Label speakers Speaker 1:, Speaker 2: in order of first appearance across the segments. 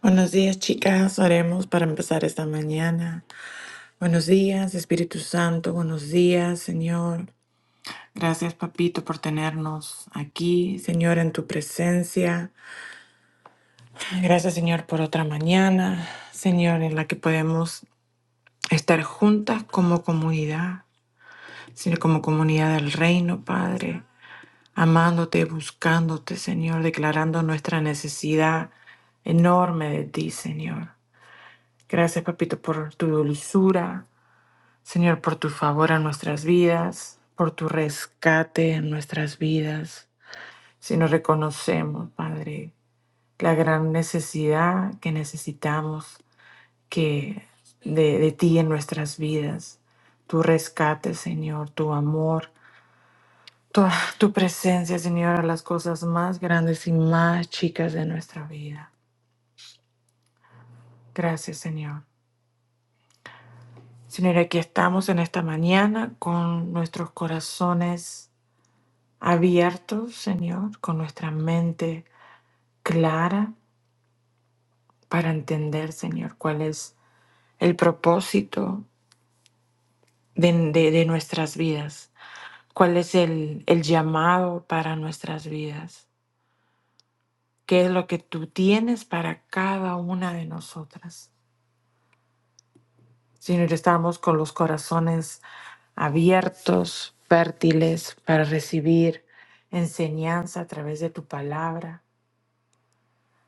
Speaker 1: Buenos días, chicas. Oremos para empezar esta mañana. Buenos días, Espíritu Santo. Buenos días, Señor. Gracias, Papito, por tenernos aquí, Señor, en tu presencia. Gracias, Señor, por otra mañana, Señor, en la que podemos estar juntas como comunidad, Señor, como comunidad del reino, Padre, amándote, buscándote, Señor, declarando nuestra necesidad enorme de ti, Señor. Gracias, papito, por tu dulzura. Señor, por tu favor a nuestras vidas, por tu rescate en nuestras vidas. Si nos reconocemos, Padre, la gran necesidad que necesitamos que de, de ti en nuestras vidas, tu rescate, Señor, tu amor, tu tu presencia, Señor, a las cosas más grandes y más chicas de nuestra vida. Gracias, Señor. Señor, aquí estamos en esta mañana con nuestros corazones abiertos, Señor, con nuestra mente clara para entender, Señor, cuál es el propósito de, de- de nuestras vidas, cuál es el, el llamado para nuestras vidas, qué es lo que tú tienes para cada una de nosotras. Señor, estamos con los corazones abiertos, fértiles para recibir enseñanza a través de tu palabra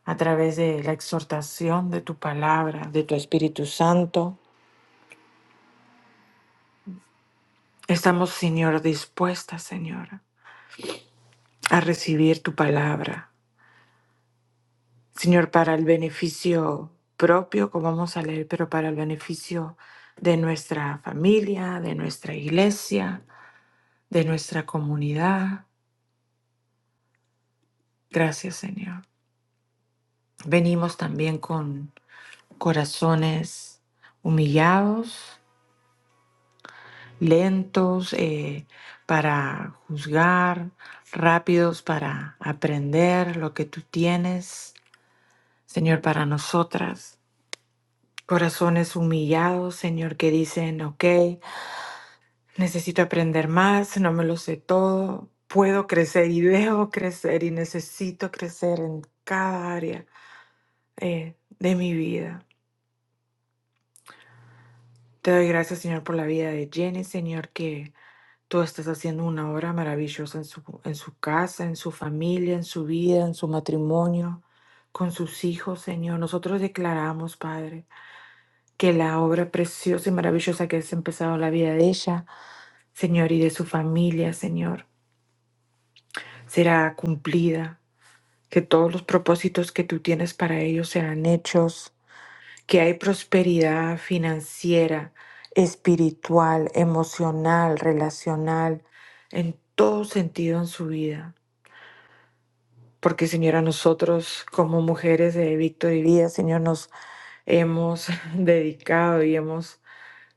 Speaker 1: a través de la exhortación de tu palabra, de tu Espíritu Santo. Estamos, Señor, dispuestas, Señor, a recibir tu palabra. Señor, para el beneficio propio, como vamos a leer, pero para el beneficio de nuestra familia, de nuestra iglesia, de nuestra comunidad. Gracias, Señor. Venimos también con corazones humillados, lentos eh, para juzgar, rápidos para aprender lo que tú tienes, Señor, para nosotras. Corazones humillados, Señor, que dicen, ok, necesito aprender más, no me lo sé todo, puedo crecer y debo crecer y necesito crecer en cada área eh, de mi vida. Te doy gracias, Señor, por la vida de Jenny, Señor, que Tú estás haciendo una obra maravillosa en su, en su casa, en su familia, en su vida, en su matrimonio, con sus hijos, Señor. Nosotros declaramos, Padre, que la obra preciosa y maravillosa que has empezado en la vida de ella, Señor, y de su familia, Señor, será cumplida. Que todos los propósitos que tú tienes para ellos serán hechos que hay prosperidad financiera, espiritual, emocional, relacional, en todo sentido en su vida. Porque Señora, nosotros como mujeres de Víctor y Vida, Señor, nos hemos dedicado y hemos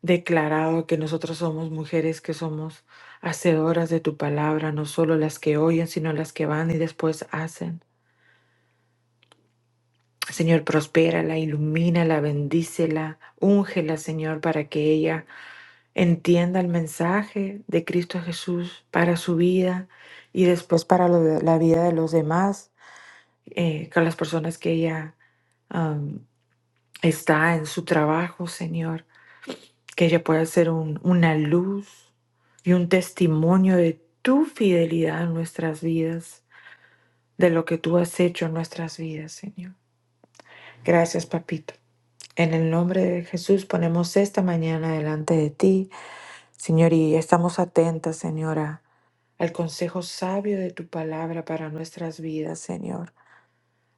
Speaker 1: declarado que nosotros somos mujeres que somos hacedoras de tu palabra, no solo las que oyen, sino las que van y después hacen. Señor, prospérala, ilumínala, bendícela, úngela, Señor, para que ella entienda el mensaje de Cristo Jesús para su vida y después para lo de- la vida de los demás, eh, con las personas que ella am, está en su trabajo, Señor, que ella pueda ser un- una luz y un testimonio de tu fidelidad en nuestras vidas, de lo que tú has hecho en nuestras vidas, Señor. Gracias, papito. En el nombre de Jesús ponemos esta mañana delante de ti, Señor, y estamos atentas, Señora al consejo sabio de tu palabra para nuestras vidas, Señor.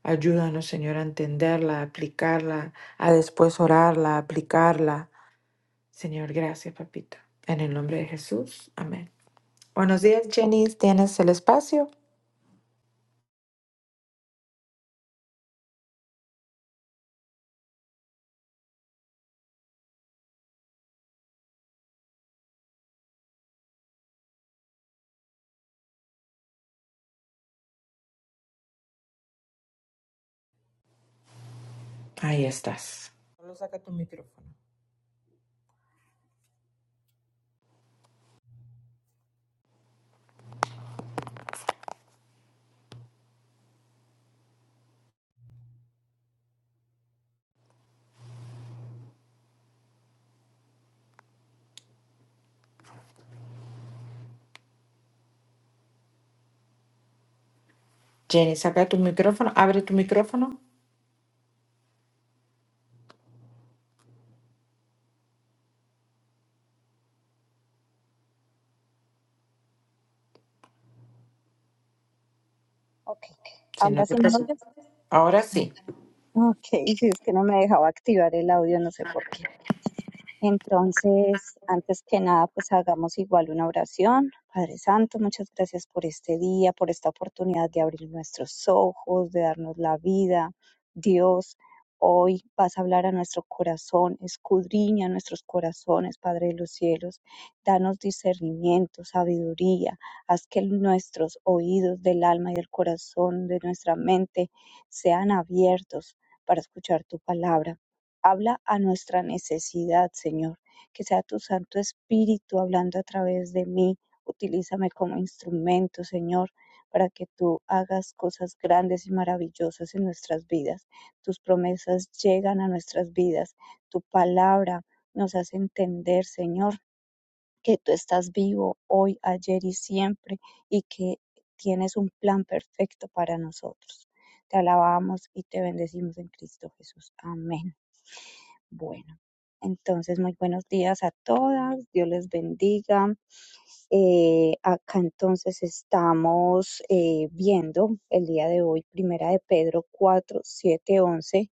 Speaker 1: Ayúdanos, Señor, a entenderla, a aplicarla, a después orarla, a aplicarla. Señor, gracias, papito. En el nombre de Jesús. Amén. Buenos días, Jenny. ¿Tienes el espacio? Ahí estás. Solo saca tu micrófono. Jenny, saca tu micrófono. Abre tu micrófono.
Speaker 2: Ok,
Speaker 1: Si no
Speaker 2: ahora
Speaker 1: te
Speaker 2: sí me
Speaker 1: preocupes.
Speaker 2: oyes.
Speaker 1: Ahora
Speaker 2: Ah,
Speaker 1: sí.
Speaker 2: Ok, sí, es que no me dejaba activar el audio, no sé por qué. Entonces, antes que nada, pues hagamos igual una oración. Padre Santo, muchas gracias por este día, por esta oportunidad de abrir nuestros ojos, de darnos la vida. Dios, hoy vas a hablar a nuestro corazón, escudriña nuestros corazones, Padre de los cielos. Danos discernimiento, sabiduría. Haz que nuestros oídos del alma y del corazón, de nuestra mente, sean abiertos para escuchar tu palabra. Habla a nuestra necesidad, Señor. Que sea tu Santo Espíritu hablando a través de mí. Utilízame como instrumento, Señor, para que tú hagas cosas grandes y maravillosas en nuestras vidas. Tus promesas llegan a nuestras vidas. Tu palabra nos hace entender, Señor, que tú estás vivo hoy, ayer y siempre y que tienes un plan perfecto para nosotros. Te alabamos y te bendecimos en Cristo Jesús. Amén. Bueno, entonces muy buenos días a todas, Dios les bendiga. Eh, acá entonces estamos eh, viendo el día de hoy, primera de Pedro 4 7 11.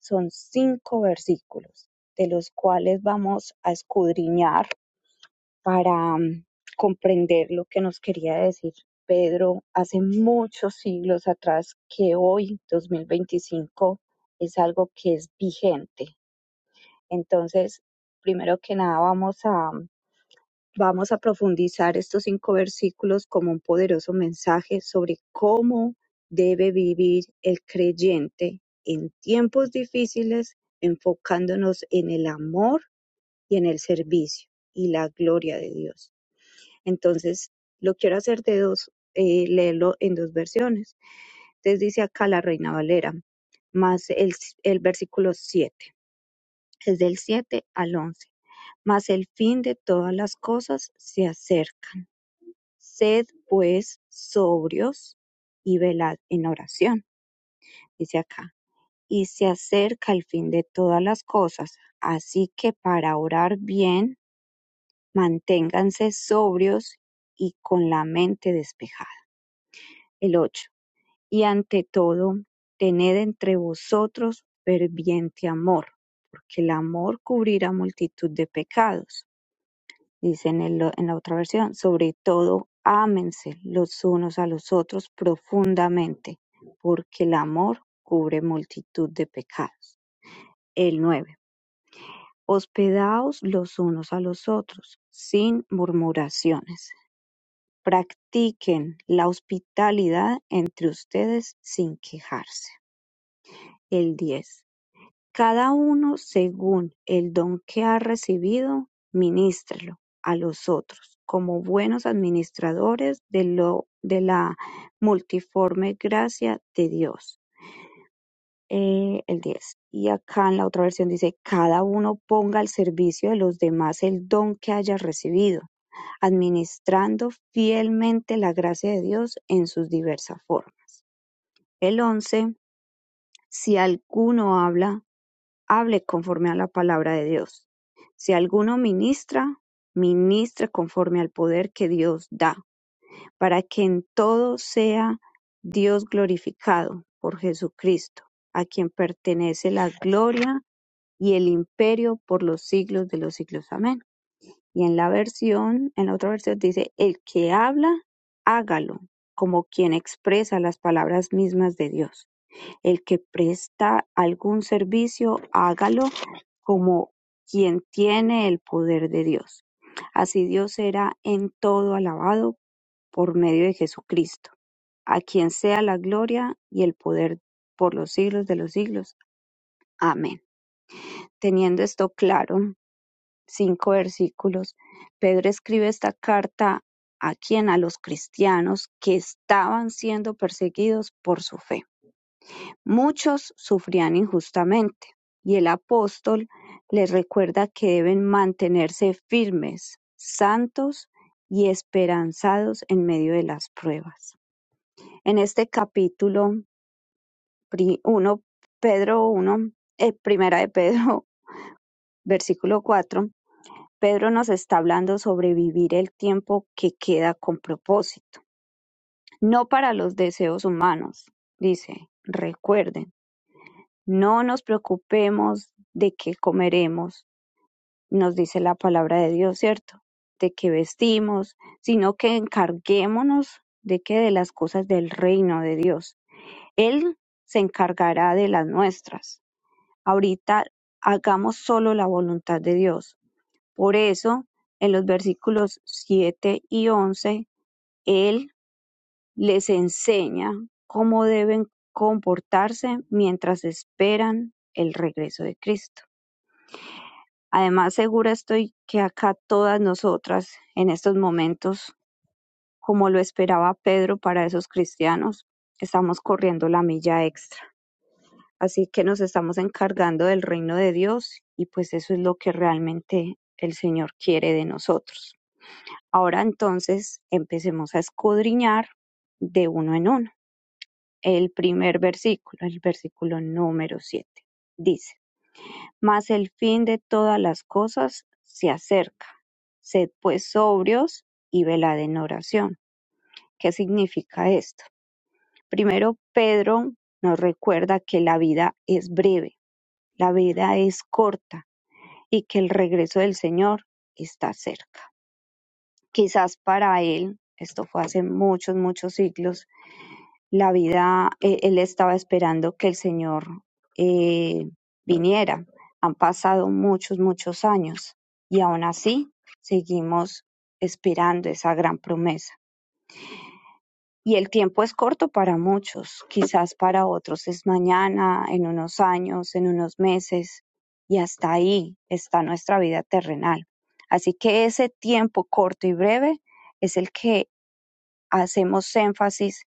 Speaker 2: son cinco versículos de los cuales vamos a escudriñar para mm, comprender lo que nos quería decir. Pedro, hace muchos siglos atrás que hoy, 2025 es algo que es vigente entonces, primero que nada, vamos a, vamos a profundizar estos cinco versículos como un poderoso mensaje sobre cómo debe vivir el creyente en tiempos difíciles, enfocándonos en el amor y en el servicio y la gloria de Dios. Entonces, lo quiero hacer de dos, eh, leerlo en dos versiones. Entonces dice acá la Reina Valera, más el, el versículo 7 es del siete al once. Mas el fin de todas las cosas se acercan. Sed pues sobrios y velad en oración, dice acá. Y se acerca el fin de todas las cosas. Así que para orar bien, manténganse sobrios y con la mente despejada. El 8 Y ante todo, tened entre vosotros ferviente amor, porque el amor cubrirá multitud de pecados Dice en el en la otra versión, sobre todo, ámense los unos a los otros profundamente, porque el amor cubre multitud de pecados. El 9, Hospedaos los unos a los otros, sin murmuraciones. Practiquen la hospitalidad entre ustedes sin quejarse. El 10. Cada uno según el don que ha recibido, minústrelo a los otros, como buenos administradores de, lo, de la multiforme gracia de Dios. Eh, el 10. Y acá en la otra versión dice, cada uno ponga al servicio de los demás el don que haya recibido, administrando fielmente la gracia de Dios en sus diversas formas. El 11. Si alguno habla, hable conforme a la palabra de Dios. Si alguno ministra, ministre conforme al poder que Dios da, para que en todo sea Dios glorificado por Jesucristo, a quien pertenece la gloria y el imperio por los siglos de los siglos. Amén. Y en la versión, en la otra versión dice, el que habla, hágalo, como quien expresa las palabras mismas de Dios. El que presta algún servicio, hágalo como quien tiene el poder de Dios. Así Dios será en todo alabado por medio de Jesucristo, a quien sea la gloria y el poder por los siglos de los siglos. Amén. Teniendo esto claro, cinco versículos, Pedro escribe esta carta a quien a los cristianos que estaban siendo perseguidos por su fe. Muchos sufrían injustamente, y el apóstol les recuerda que deben mantenerse firmes, santos y esperanzados en medio de las pruebas. En este capítulo 1, Pedro 1, eh, primera de Pedro, versículo 4, Pedro nos está hablando sobre vivir el tiempo que queda con propósito, no para los deseos humanos. Dice, recuerden, No nos preocupemos de qué comeremos, nos dice la palabra de Dios, ¿cierto? De qué vestimos, sino que encarguémonos de que de las cosas del reino de Dios. Él se encargará de las nuestras. Ahorita hagamos solo la voluntad de Dios. Por eso, en los versículos 7 y 11, Él les enseña cómo deben comportarse mientras esperan el regreso de Cristo. Además segura estoy que acá todas nosotras, en estos momentos, como lo esperaba Pedro para esos cristianos, estamos corriendo la milla extra. Así que nos estamos encargando del reino de Dios y pues eso es lo que realmente el Señor quiere de nosotros. Ahora entonces empecemos a escudriñar de uno en uno. El primer versículo, el versículo número 7, dice. Mas el fin de todas las cosas se acerca. Sed pues sobrios y velad en oración. ¿Qué significa esto? Primero, Pedro nos recuerda que la vida es breve, la vida es corta y que el regreso del Señor está cerca. Quizás para él, esto fue hace muchos, muchos siglos, la vida, eh, él estaba esperando que el Señor eh, viniera. Han pasado muchos, muchos años y aún así seguimos esperando esa gran promesa. Y el tiempo es corto para muchos, quizás para otros es mañana, en unos años, en unos meses, y hasta ahí está nuestra vida terrenal. Así que ese tiempo corto y breve es el que hacemos énfasis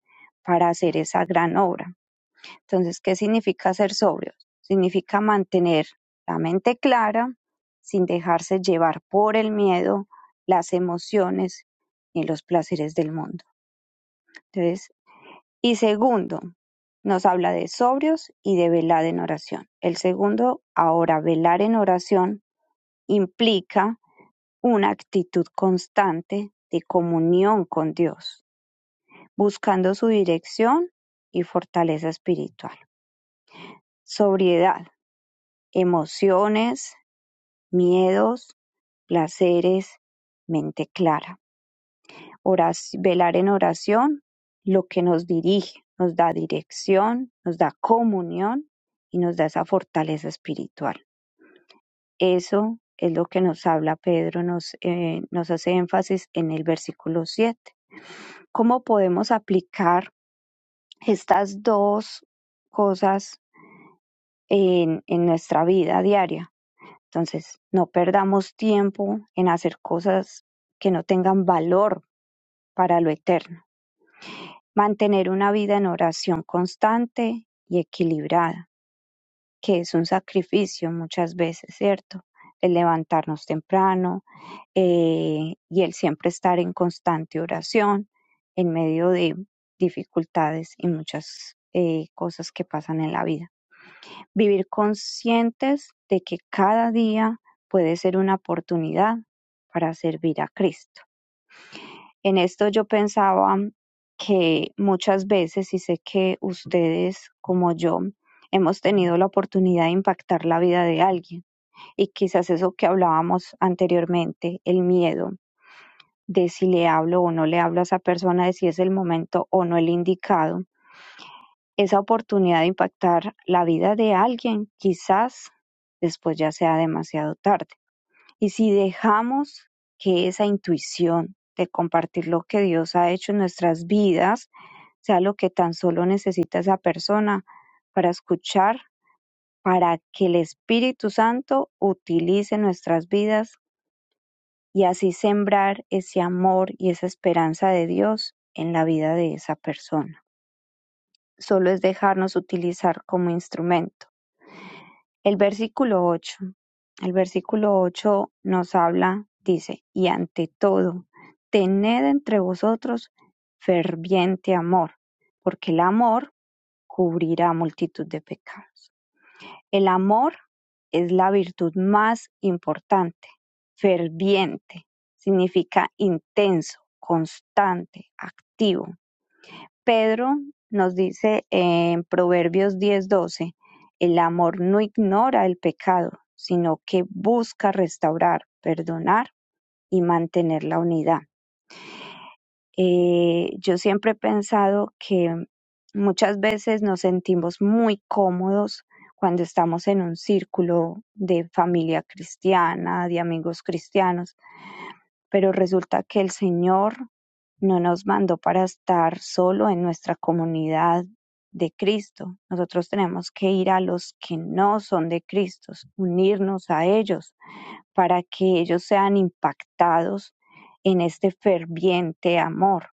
Speaker 2: para hacer esa gran obra entonces, ¿qué significa ser sobrios? Significa mantener la mente clara sin dejarse llevar por el miedo, las emociones y los placeres del mundo. Entonces, y segundo, nos habla de sobrios y de velar en oración. El segundo, ahora, velar en oración implica una actitud constante de comunión con Dios, buscando su dirección y fortaleza espiritual. Sobriedad emociones, miedos, placeres, mente clara. Orac- velar en oración, lo que nos dirige, nos da dirección, nos da comunión y nos da esa fortaleza espiritual. Eso es lo que nos habla Pedro, nos, eh, nos hace énfasis en el versículo 7. ¿Cómo podemos aplicar estas dos cosas en, en nuestra vida diaria? Entonces, no perdamos tiempo en hacer cosas que no tengan valor para lo eterno. Mantener una vida en oración constante y equilibrada, que es un sacrificio muchas veces, ¿cierto? El levantarnos temprano eh, y el siempre estar en constante oración en medio de dificultades y muchas eh, cosas que pasan en la vida. Vivir conscientes de que cada día puede ser una oportunidad para servir a Cristo. En esto yo pensaba que muchas veces, y sé que ustedes como yo, hemos tenido la oportunidad de impactar la vida de alguien. Y quizás eso que hablábamos anteriormente, el miedo de si le hablo o no le hablo a esa persona, de si es el momento o no el indicado, esa oportunidad de impactar la vida de alguien, quizás después ya sea demasiado tarde. Y si dejamos que esa intuición de compartir lo que Dios ha hecho en nuestras vidas sea lo que tan solo necesita esa persona para escuchar, para que el Espíritu Santo utilice nuestras vidas y así sembrar ese amor y esa esperanza de Dios en la vida de esa persona. solo es dejarnos utilizar como instrumento. El versículo 8, el versículo 8 nos habla, dice, y ante todo, tened entre vosotros ferviente amor, porque el amor cubrirá multitud de pecados. El amor es la virtud más importante, ferviente, significa intenso, constante, activo. Pedro nos dice en Proverbios diez doce el amor no ignora el pecado, sino que busca restaurar, perdonar y mantener la unidad. Eh, yo siempre he pensado que muchas veces nos sentimos muy cómodos cuando estamos en un círculo de familia cristiana, de amigos cristianos, pero resulta que el Señor no nos mandó para estar solo en nuestra comunidad de Cristo. Nosotros tenemos que ir a los que no son de Cristo, unirnos a ellos para que ellos sean impactados en este ferviente amor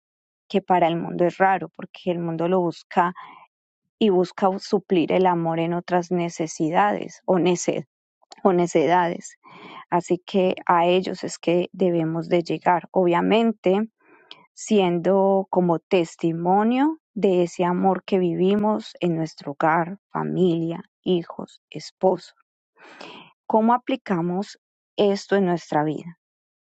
Speaker 2: que para el mundo es raro porque el mundo lo busca y busca suplir el amor en otras necesidades o, nece- o necedades. Así que a ellos es que debemos de llegar. Obviamente siendo como testimonio de ese amor que vivimos en nuestro hogar, familia, hijos, esposo. ¿Cómo aplicamos esto en nuestra vida?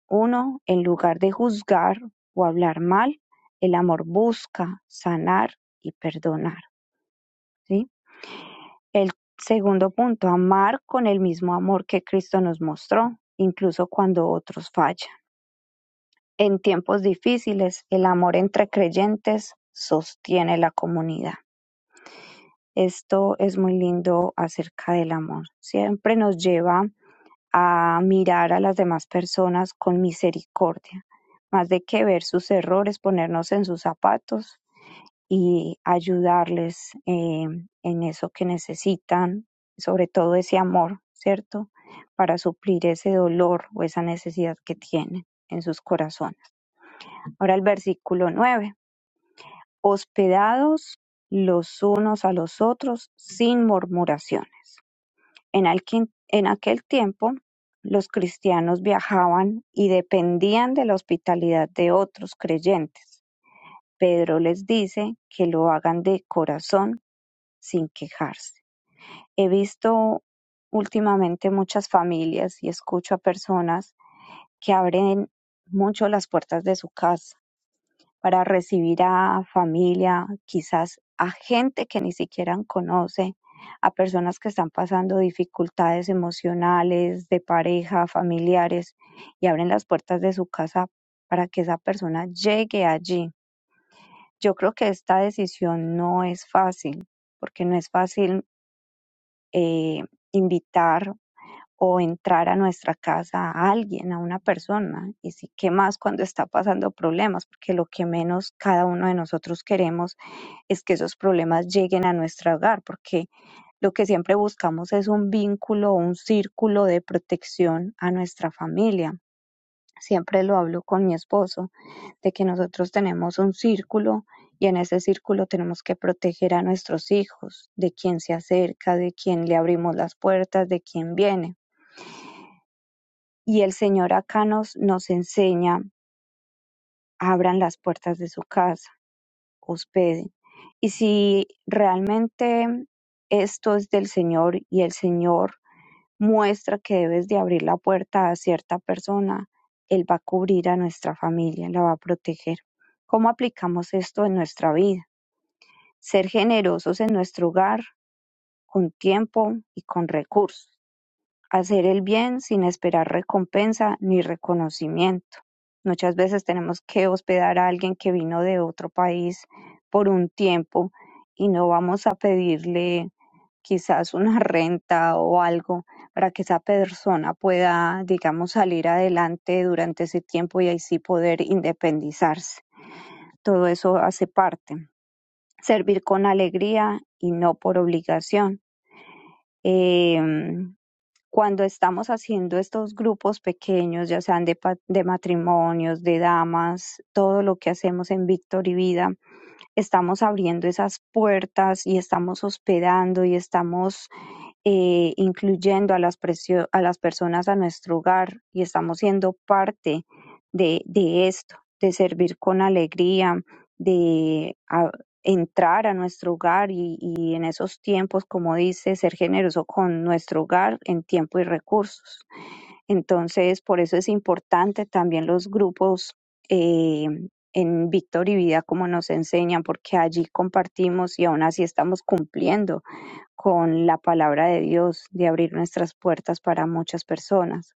Speaker 2: Uno, en lugar de juzgar o hablar mal, el amor busca sanar y perdonar. ¿sí? El segundo punto, amar con el mismo amor que Cristo nos mostró, incluso cuando otros fallan. En tiempos difíciles, el amor entre creyentes sostiene la comunidad. Esto es muy lindo acerca del amor. Siempre nos lleva a mirar a las demás personas con misericordia, más de que ver sus errores, ponernos en sus zapatos y ayudarles eh, en eso que necesitan, sobre todo ese amor, ¿cierto? Para suplir ese dolor o esa necesidad que tienen en sus corazones. Ahora el versículo 9: Hospedados los unos a los otros sin murmuraciones. En alquin- en aquel tiempo, los cristianos viajaban y dependían de la hospitalidad de otros creyentes. Pedro les dice que lo hagan de corazón sin quejarse. He visto últimamente muchas familias y escucho a personas que abren mucho las puertas de su casa para recibir a familia, quizás a gente que ni siquiera conoce, a personas que están pasando dificultades emocionales, de pareja, familiares, y abren las puertas de su casa para que esa persona llegue allí. Yo creo que esta decisión no es fácil, porque no es fácil eh, invitar o entrar a nuestra casa a alguien, a una persona, y sí, qué más cuando está pasando problemas, porque lo que menos cada uno de nosotros queremos es que esos problemas lleguen a nuestro hogar, porque lo que siempre buscamos es un vínculo o un círculo de protección a nuestra familia. Siempre lo hablo con mi esposo, de que nosotros tenemos un círculo y en ese círculo tenemos que proteger a nuestros hijos, de quién se acerca, de quién le abrimos las puertas, de quién viene y el Señor acá nos, nos enseña, abran las puertas de su casa, hospeden. Y si realmente esto es del Señor y el Señor muestra que debes de abrir la puerta a cierta persona, Él va a cubrir a nuestra familia, la va a proteger. ¿Cómo aplicamos esto en nuestra vida? Ser generosos en nuestro hogar con tiempo y con recursos hacer el bien sin esperar recompensa ni reconocimiento. Muchas veces tenemos que hospedar a alguien que vino de otro país por un tiempo y no vamos a pedirle quizás una renta o algo para que esa persona pueda, digamos, salir adelante durante ese tiempo y así poder independizarse. Todo eso hace parte. Servir con alegría y no por obligación. Eh, cuando estamos haciendo estos grupos pequeños, ya sean de, pa- de matrimonios, de damas, todo lo que hacemos en Víctor y Vida, estamos abriendo esas puertas y estamos hospedando y estamos eh, incluyendo a las, presio- a las personas a nuestro hogar y estamos siendo parte de, de esto, de servir con alegría, de a- entrar a nuestro hogar y, y en esos tiempos, como dice, ser generoso con nuestro hogar en tiempo y recursos. Entonces, por eso es importante también los grupos. eh, en Víctor y Vida, como nos enseñan, porque allí compartimos y aún así estamos cumpliendo con la palabra de Dios, de abrir nuestras puertas para muchas personas.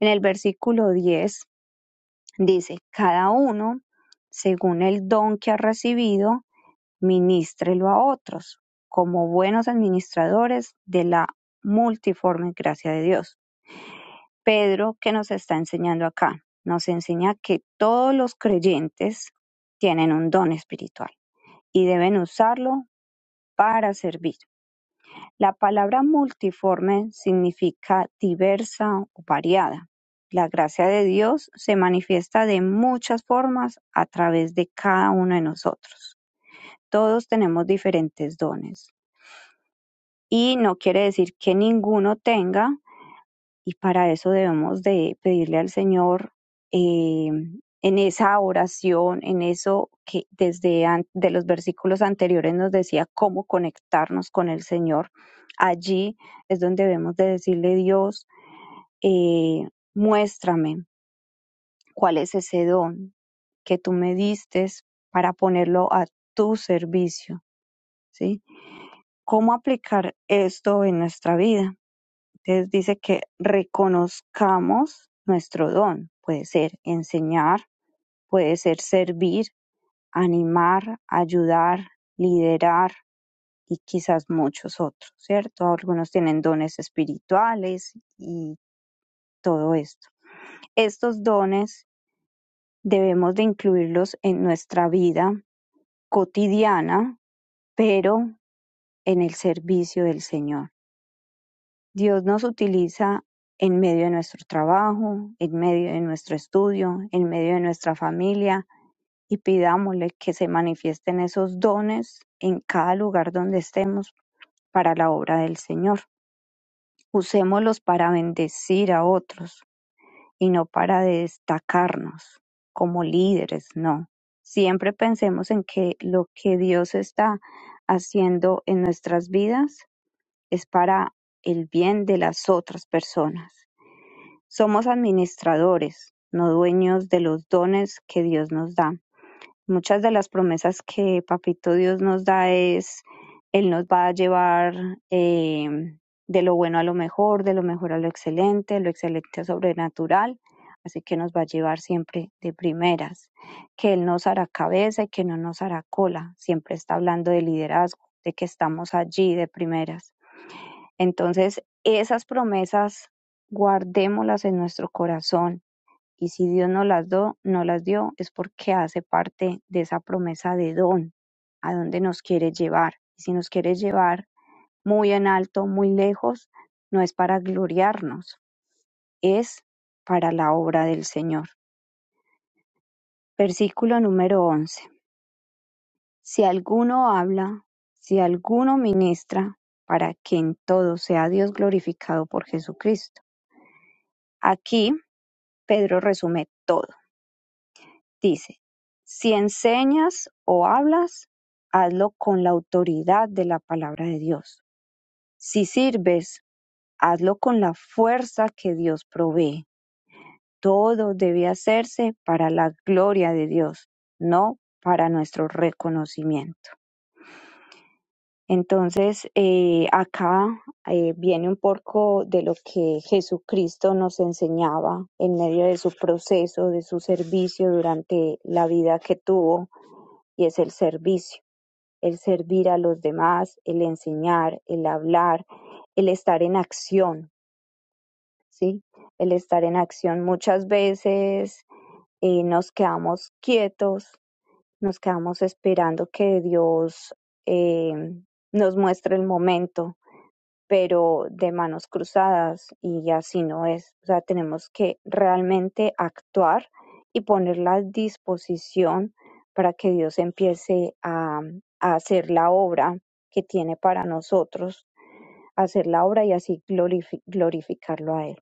Speaker 2: En el versículo 10 dice, cada uno, según el don que ha recibido, ministrelo a otros, como buenos administradores de la multiforme gracia de Dios. Pedro, ¿qué nos está enseñando acá? Nos enseña que todos los creyentes tienen un don espiritual y deben usarlo para servir. La palabra multiforme significa diversa o variada. La gracia de Dios se manifiesta de muchas formas a través de cada uno de nosotros. Todos tenemos diferentes dones y no quiere decir que ninguno tenga y para eso debemos de pedirle al Señor eh, en esa oración, en eso que desde an- de los versículos anteriores nos decía cómo conectarnos con el Señor. Allí es donde debemos de decirle Dios, eh, muéstrame, ¿Cuál es ese don que tú me distes para ponerlo a tu servicio? ¿Sí? ¿Cómo aplicar esto en nuestra vida? Entonces dice que reconozcamos nuestro don. Puede ser enseñar, puede ser servir, animar, ayudar, liderar y quizás muchos otros, ¿cierto? Algunos tienen dones espirituales y todo esto. Estos dones debemos de incluirlos en nuestra vida cotidiana, pero en el servicio del Señor. Dios nos utiliza en medio de nuestro trabajo, en medio de nuestro estudio, en medio de nuestra familia y pidámosle que se manifiesten esos dones en cada lugar donde estemos para la obra del Señor. Usémoslos para bendecir a otros y no para destacarnos como líderes, no. Siempre pensemos en que lo que Dios está haciendo en nuestras vidas es para el bien de las otras personas. Somos administradores, no dueños de los dones que Dios nos da. Muchas de las promesas que Papito Dios nos da es, Él nos va a llevar eh, de lo bueno a lo mejor, de lo mejor a lo excelente, lo excelente a sobrenatural. Así que nos va a llevar siempre de primeras, que Él nos hará cabeza y que no nos hará cola. Siempre está hablando de liderazgo, de que estamos allí de primeras. Entonces, esas promesas guardémoslas en nuestro corazón y si Dios no las, do, no las dio, es porque hace parte de esa promesa de don, a donde nos quiere llevar. Y si nos quiere llevar muy en alto, muy lejos, no es para gloriarnos, es para la obra del Señor. Versículo número 11. Si alguno habla, si alguno ministra, para que en todo sea Dios glorificado por Jesucristo. Aquí Pedro resume todo Dice: Si enseñas o hablas, hazlo con la autoridad de la palabra de Dios. Si sirves, hazlo con la fuerza que Dios provee. Todo debe hacerse para la gloria de Dios, no para nuestro reconocimiento. Entonces, eh, acá eh, viene un poco de lo que Jesucristo nos enseñaba en medio de su proceso, de su servicio durante la vida que tuvo, y es el servicio. el servir a los demás, el enseñar, el hablar, el estar en acción, ¿sí? El estar en acción. Muchas veces eh, nos quedamos quietos, nos quedamos esperando que Dios eh, nos muestre el momento, pero de manos cruzadas y así no es. O sea, tenemos que realmente actuar y ponerla a disposición para que Dios empiece a, a hacer la obra que tiene para nosotros, hacer la obra y así glorifi- glorificarlo a Él.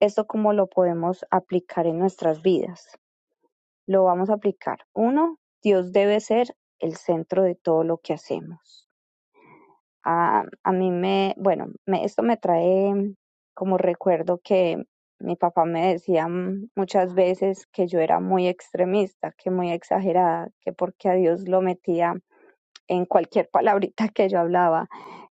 Speaker 2: ¿Esto cómo lo podemos aplicar en nuestras vidas? Lo vamos a aplicar. Uno, Dios debe ser el centro de todo lo que hacemos. A, a mí me, bueno, me, esto me trae como recuerdo que mi papá me decía mm, muchas veces que yo era muy extremista, que muy exagerada, que porque a Dios lo metía en cualquier palabrita que yo hablaba.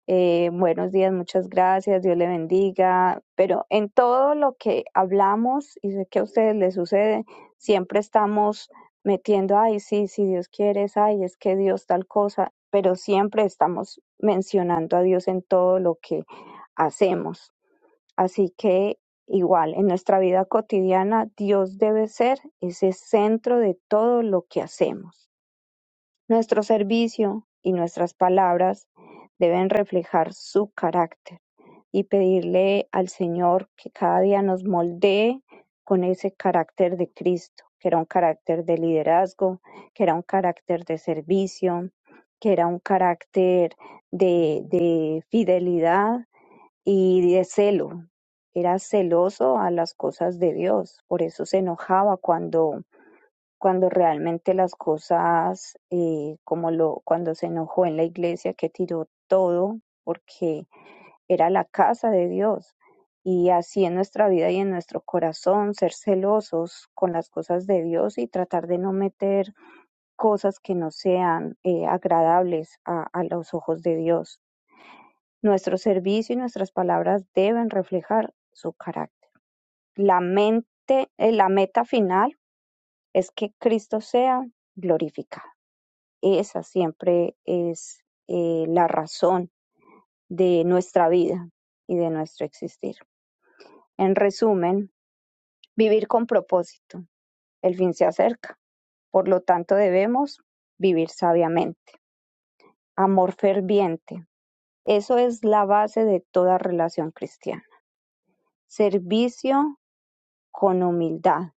Speaker 2: Eh, buenos días, muchas gracias, Dios le bendiga. Pero en todo lo que hablamos, y sé que a ustedes les sucede, siempre estamos metiendo, ay, sí, si Dios quiere, es, ay, es que Dios tal cosa, pero siempre estamos mencionando a Dios en todo lo que hacemos. Así que igual, en nuestra vida cotidiana, Dios debe ser ese centro de todo lo que hacemos. Nuestro servicio y nuestras palabras deben reflejar su carácter y pedirle al Señor que cada día nos moldee con ese carácter de Cristo, que era un carácter de liderazgo, que era un carácter de servicio, que era un carácter de, de fidelidad y de celo. Era celoso a las cosas de Dios, por eso se enojaba cuando cuando realmente las cosas, eh, como lo, cuando se enojó en la iglesia, que tiró todo porque era la casa de Dios. Y así en nuestra vida y en nuestro corazón, ser celosos con las cosas de Dios y tratar de no meter cosas que no sean eh, agradables a, a los ojos de Dios. Nuestro servicio y nuestras palabras deben reflejar su carácter. La mente, eh, la meta final es que Cristo sea glorificado. esa siempre es eh, la razón de nuestra vida y de nuestro existir. En resumen, vivir con propósito. El fin se acerca. Por lo tanto, debemos vivir sabiamente. Amor ferviente. Eso es la base de toda relación cristiana. Servicio con humildad.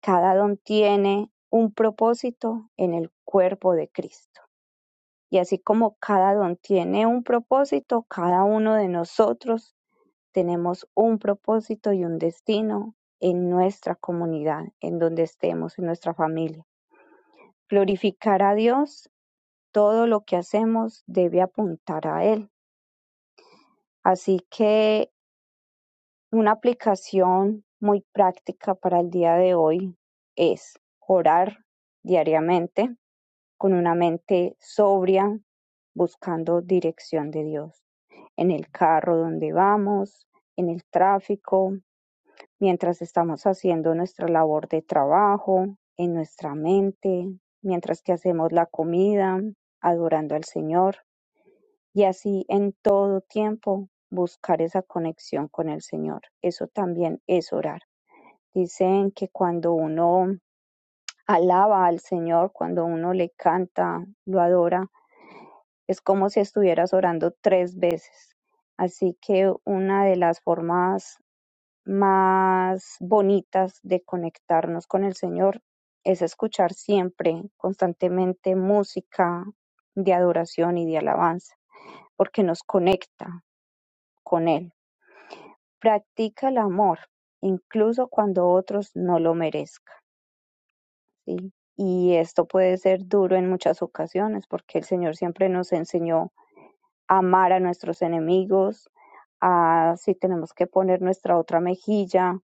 Speaker 2: Cada don tiene un propósito en el cuerpo de Cristo. Y así como cada don tiene un propósito, cada uno de nosotros tenemos un propósito y un destino en nuestra comunidad, en donde estemos, en nuestra familia. Glorificar a Dios, todo lo que hacemos debe apuntar a Él. Así que Una aplicación muy práctica para el día de hoy es orar diariamente con una mente sobria, buscando dirección de Dios, en el carro donde vamos, en el tráfico, mientras estamos haciendo nuestra labor de trabajo, en nuestra mente, mientras que hacemos la comida, adorando al Señor. Y así en todo tiempo buscar esa conexión con el Señor. Eso también es orar. Dicen que cuando uno alaba al Señor, cuando uno le canta, lo adora, es como si estuvieras orando tres veces. Así que una de las formas más bonitas de conectarnos con el Señor es escuchar siempre, constantemente, música de adoración y de alabanza, porque nos conecta con Él Practica el amor, incluso cuando otros no lo merezcan, ¿sí? Y esto puede ser duro en muchas ocasiones, porque el Señor siempre nos enseñó a amar a nuestros enemigos, a si tenemos que poner nuestra otra mejilla.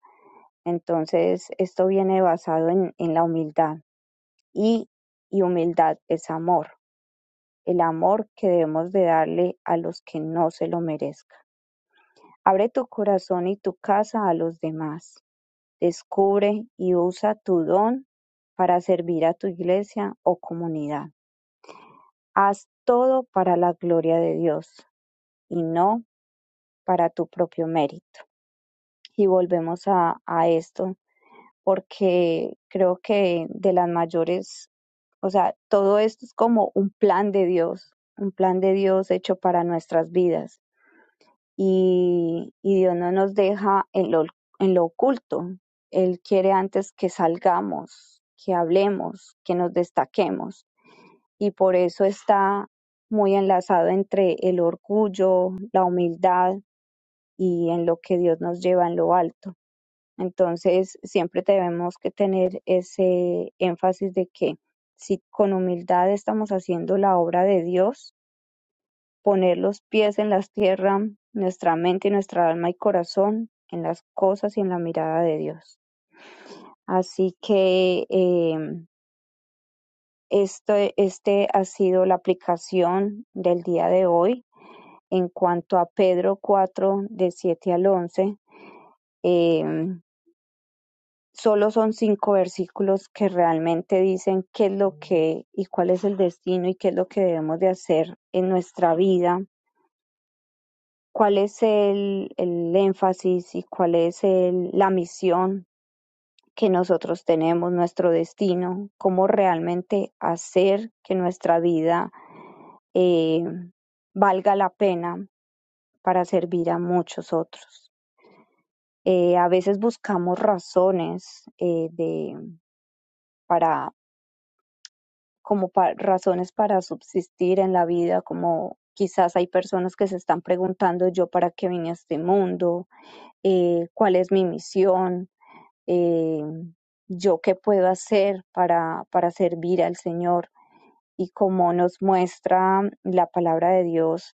Speaker 2: Entonces, esto viene basado en, en la humildad y, y humildad es amor, el amor que debemos de darle a los que no se lo merezcan. Abre tu corazón y tu casa a los demás Descubre y usa tu don para servir a tu iglesia o comunidad. Haz todo para la gloria de Dios y no para tu propio mérito. Y volvemos a, a esto porque creo que de las mayores, o sea, todo esto es como un plan de Dios, un plan de Dios hecho para nuestras vidas y, y Dios no nos deja en lo, en lo oculto. Él quiere antes que salgamos, que hablemos, que nos destaquemos. Y por eso está muy enlazado entre el orgullo, la humildad y en lo que Dios nos lleva en lo alto. Entonces, siempre tenemos que tener ese énfasis de que si con humildad estamos haciendo la obra de Dios, poner los pies en la tierra, nuestra mente nuestra alma y corazón en las cosas y en la mirada de Dios. Así que eh, este, este ha sido la aplicación del día de hoy en cuanto a Pedro 4 de 7 al 11. eh, solo son cinco versículos que realmente dicen qué es lo que y cuál es el destino y qué es lo que debemos de hacer en nuestra vida cuál es el, el énfasis y cuál es el- la misión que nosotros tenemos, nuestro destino, cómo realmente hacer que nuestra vida eh, valga la pena para servir a muchos otros. Eh, a veces buscamos razones eh, de, para, como pa- razones para subsistir en la vida, como quizás hay personas que se están preguntando yo para qué vine a este mundo, Eh, cuál es mi misión, eh, yo qué puedo hacer para, para servir al Señor. Y como nos muestra la palabra de Dios,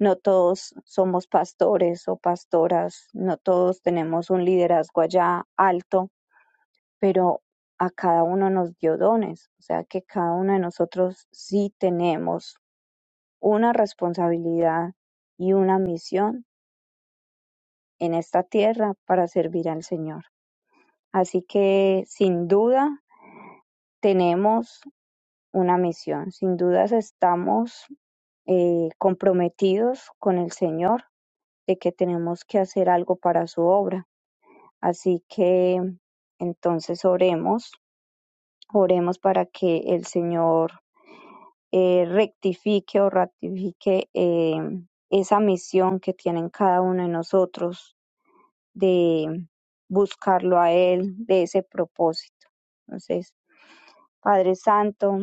Speaker 2: no todos somos pastores o pastoras, no todos tenemos un liderazgo allá alto, pero a cada uno nos dio dones, o sea que cada uno de nosotros sí tenemos una responsabilidad y una misión en esta tierra para servir al Señor. Así que sin duda tenemos una misión. Sin dudas estamos eh, comprometidos con el Señor de que tenemos que hacer algo para su obra. Así que entonces oremos, oremos para que el Señor eh, rectifique o ratifique eh, esa misión que tienen cada uno de nosotros de buscarlo a Él, de ese propósito. Entonces, Padre Santo,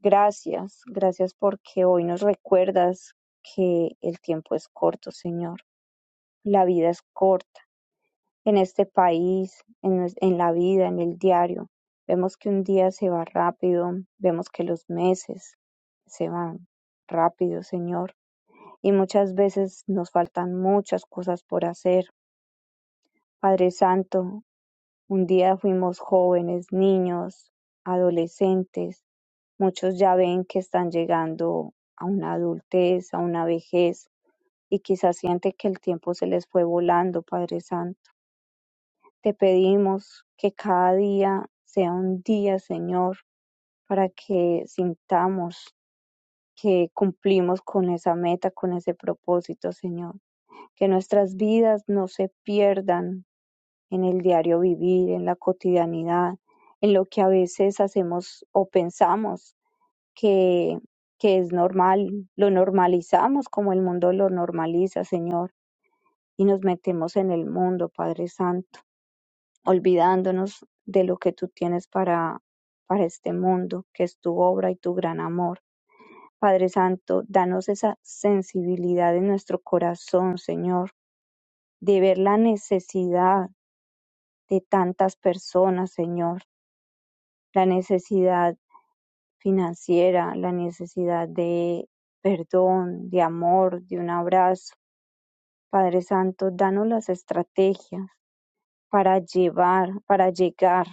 Speaker 2: gracias, gracias porque hoy nos recuerdas que el tiempo es corto, Señor, la vida es corta. En este país, en, en la vida, en el diario, vemos que un día se va rápido, vemos que los meses se van rápido, Señor, y muchas veces nos faltan muchas cosas por hacer. Padre Santo, Un día fuimos jóvenes, niños, adolescentes. Muchos ya ven que están llegando a una adultez, a una vejez, y quizás sienten que el tiempo se les fue volando, Padre Santo. Te pedimos que cada día sea un día, Señor, para que sintamos que cumplimos con esa meta, con ese propósito, Señor. Que nuestras vidas no se pierdan, en el diario vivir, en la cotidianidad, en lo que a veces hacemos o pensamos que, que es normal, lo normalizamos como el mundo lo normaliza, Señor, y nos metemos en el mundo, Padre Santo, olvidándonos de lo que tú tienes para, para este mundo, que es tu obra y tu gran amor. Padre Santo, danos esa sensibilidad en nuestro corazón, Señor, de ver la necesidad de tantas personas, Señor la necesidad financiera, la necesidad de perdón, de amor, de un abrazo. Padre Santo, danos las estrategias para llevar, para llegar,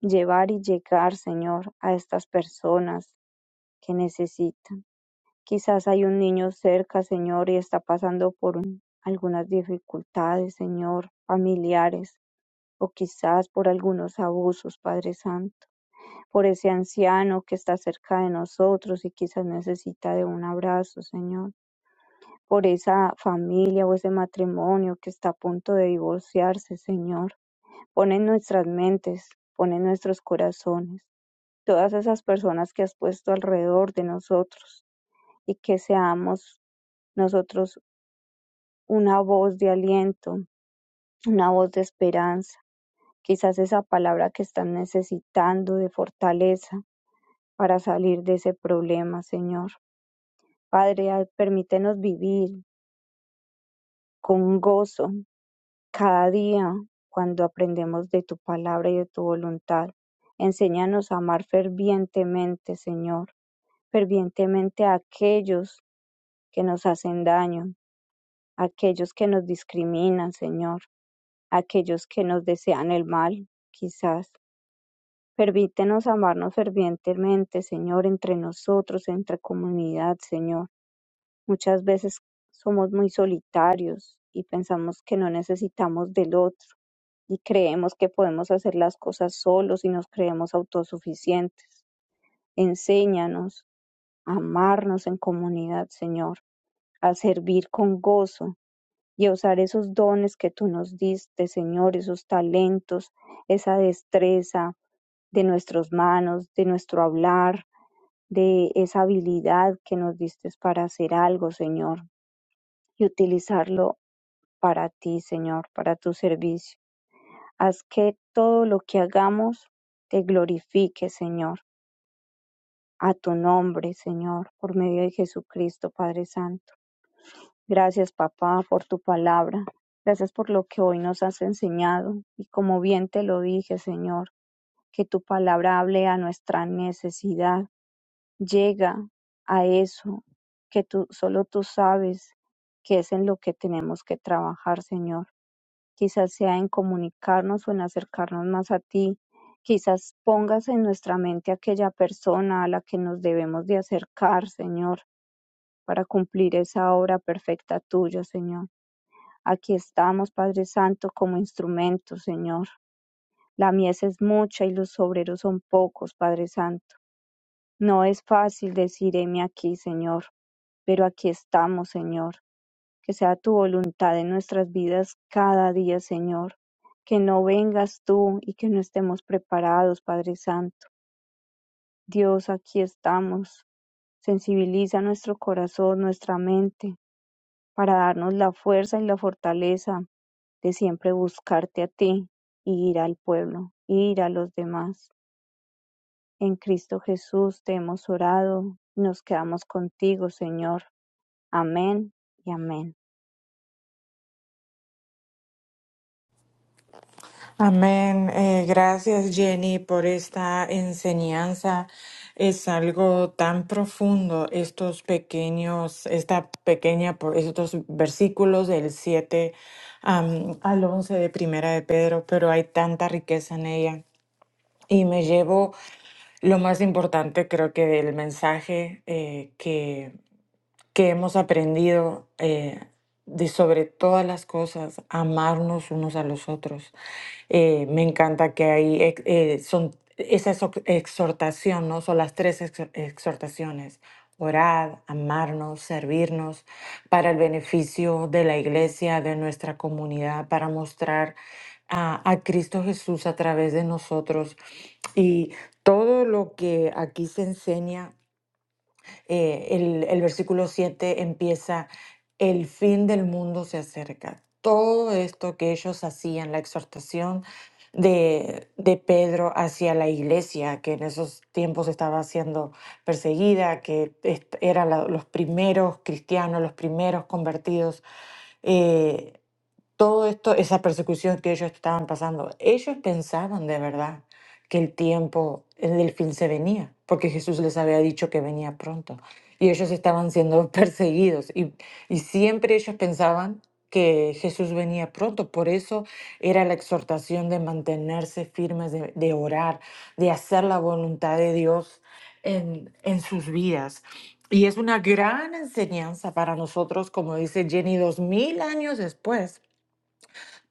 Speaker 2: llevar y llegar, Señor, a estas personas que necesitan. Quizás hay un niño cerca, Señor, y está pasando por un- algunas dificultades, Señor, familiares, o quizás por algunos abusos, Padre Santo. por ese anciano que está cerca de nosotros y quizás necesita de un abrazo, Señor, por esa familia o ese matrimonio que está a punto de divorciarse, Señor. Pon en nuestras mentes, pon en nuestros corazones todas esas personas que has puesto alrededor de nosotros y que seamos nosotros una voz de aliento, una voz de esperanza, quizás esa palabra que están necesitando de fortaleza para salir de ese problema, Señor. Padre, ah, permítenos vivir con gozo cada día cuando aprendemos de tu palabra y de tu voluntad. Enséñanos a amar fervientemente, Señor, fervientemente a aquellos que nos hacen daño, a aquellos que nos discriminan, Señor, a aquellos que nos desean el mal, quizás. Permítenos amarnos fervientemente, Señor, entre nosotros, entre comunidad, Señor Muchas veces somos muy solitarios y pensamos que no necesitamos del otro y creemos que podemos hacer las cosas solos y nos creemos autosuficientes. Enséñanos a amarnos en comunidad, Señor, a servir con gozo y a usar esos dones que tú nos diste, Señor, esos talentos, esa destreza de nuestras manos, de nuestro hablar, de esa habilidad que nos diste para hacer algo, Señor y utilizarlo para ti, Señor, para tu servicio. Haz que todo lo que hagamos te glorifique, Señor, a tu nombre, Señor, por medio de Jesucristo, Padre Santo. Gracias, papá, por tu palabra. Gracias por lo que hoy nos has enseñado. Y como bien te lo dije, Señor, que tu palabra hable a nuestra necesidad. Llega a eso que tú solo tú sabes que es en lo que tenemos que trabajar, Señor. Quizás sea en comunicarnos o en acercarnos más a ti. Quizás pongas en nuestra mente aquella persona a la que nos debemos de acercar, Señor, para cumplir esa obra perfecta tuya, Señor. Aquí estamos, Padre Santo, como instrumentos, Señor. La mies es mucha y los obreros son pocos, Padre Santo. No es fácil decir heme aquí, Señor, pero aquí estamos, Señor. Que sea tu voluntad en nuestras vidas cada día, Señor. Que no vengas tú y que no estemos preparados, Padre Santo. Dios, aquí estamos. Sensibiliza nuestro corazón, nuestra mente, para darnos la fuerza y la fortaleza de siempre buscarte a ti y ir al pueblo, ir a los demás. En Cristo Jesús te hemos orado, y nos quedamos contigo, Señor. Amén y amén.
Speaker 1: Amén. Eh, gracias, Jenny, por esta enseñanza. Es algo tan profundo, estos pequeños, esta pequeña, por- estos versículos del 7 am, al 11 de Primera de Pedro, pero hay tanta riqueza en ella. Y me llevo lo más importante, creo que del mensaje eh, que, que hemos aprendido eh, de sobre todas las cosas, amarnos unos a los otros eh, me encanta que ahí ex- eh, son esa exo- exhortación, ¿no? Son las tres exhor- exhortaciones. Orad, amarnos, servirnos para el beneficio de la iglesia, de nuestra comunidad, para mostrar a, a Cristo Jesús a través de nosotros. Y todo lo que aquí se enseña eh, el, el versículo 7 empieza, el fin del mundo se acerca. Todo esto que ellos hacían, la exhortación de, de Pedro hacia la iglesia, que en esos tiempos estaba siendo perseguida, que est- eran la- los primeros cristianos, los primeros convertidos, eh, todo esto, esa persecución que ellos estaban pasando, ellos pensaban de verdad que el tiempo del fin se venía, porque Jesús les había dicho que venía pronto. Y ellos estaban siendo perseguidos. Y, y siempre ellos pensaban que Jesús venía pronto. Por eso era la exhortación de mantenerse firmes, de, de orar, de hacer la voluntad de Dios en, en sus vidas. Y es una gran enseñanza para nosotros, como dice Jenny, dos mil años después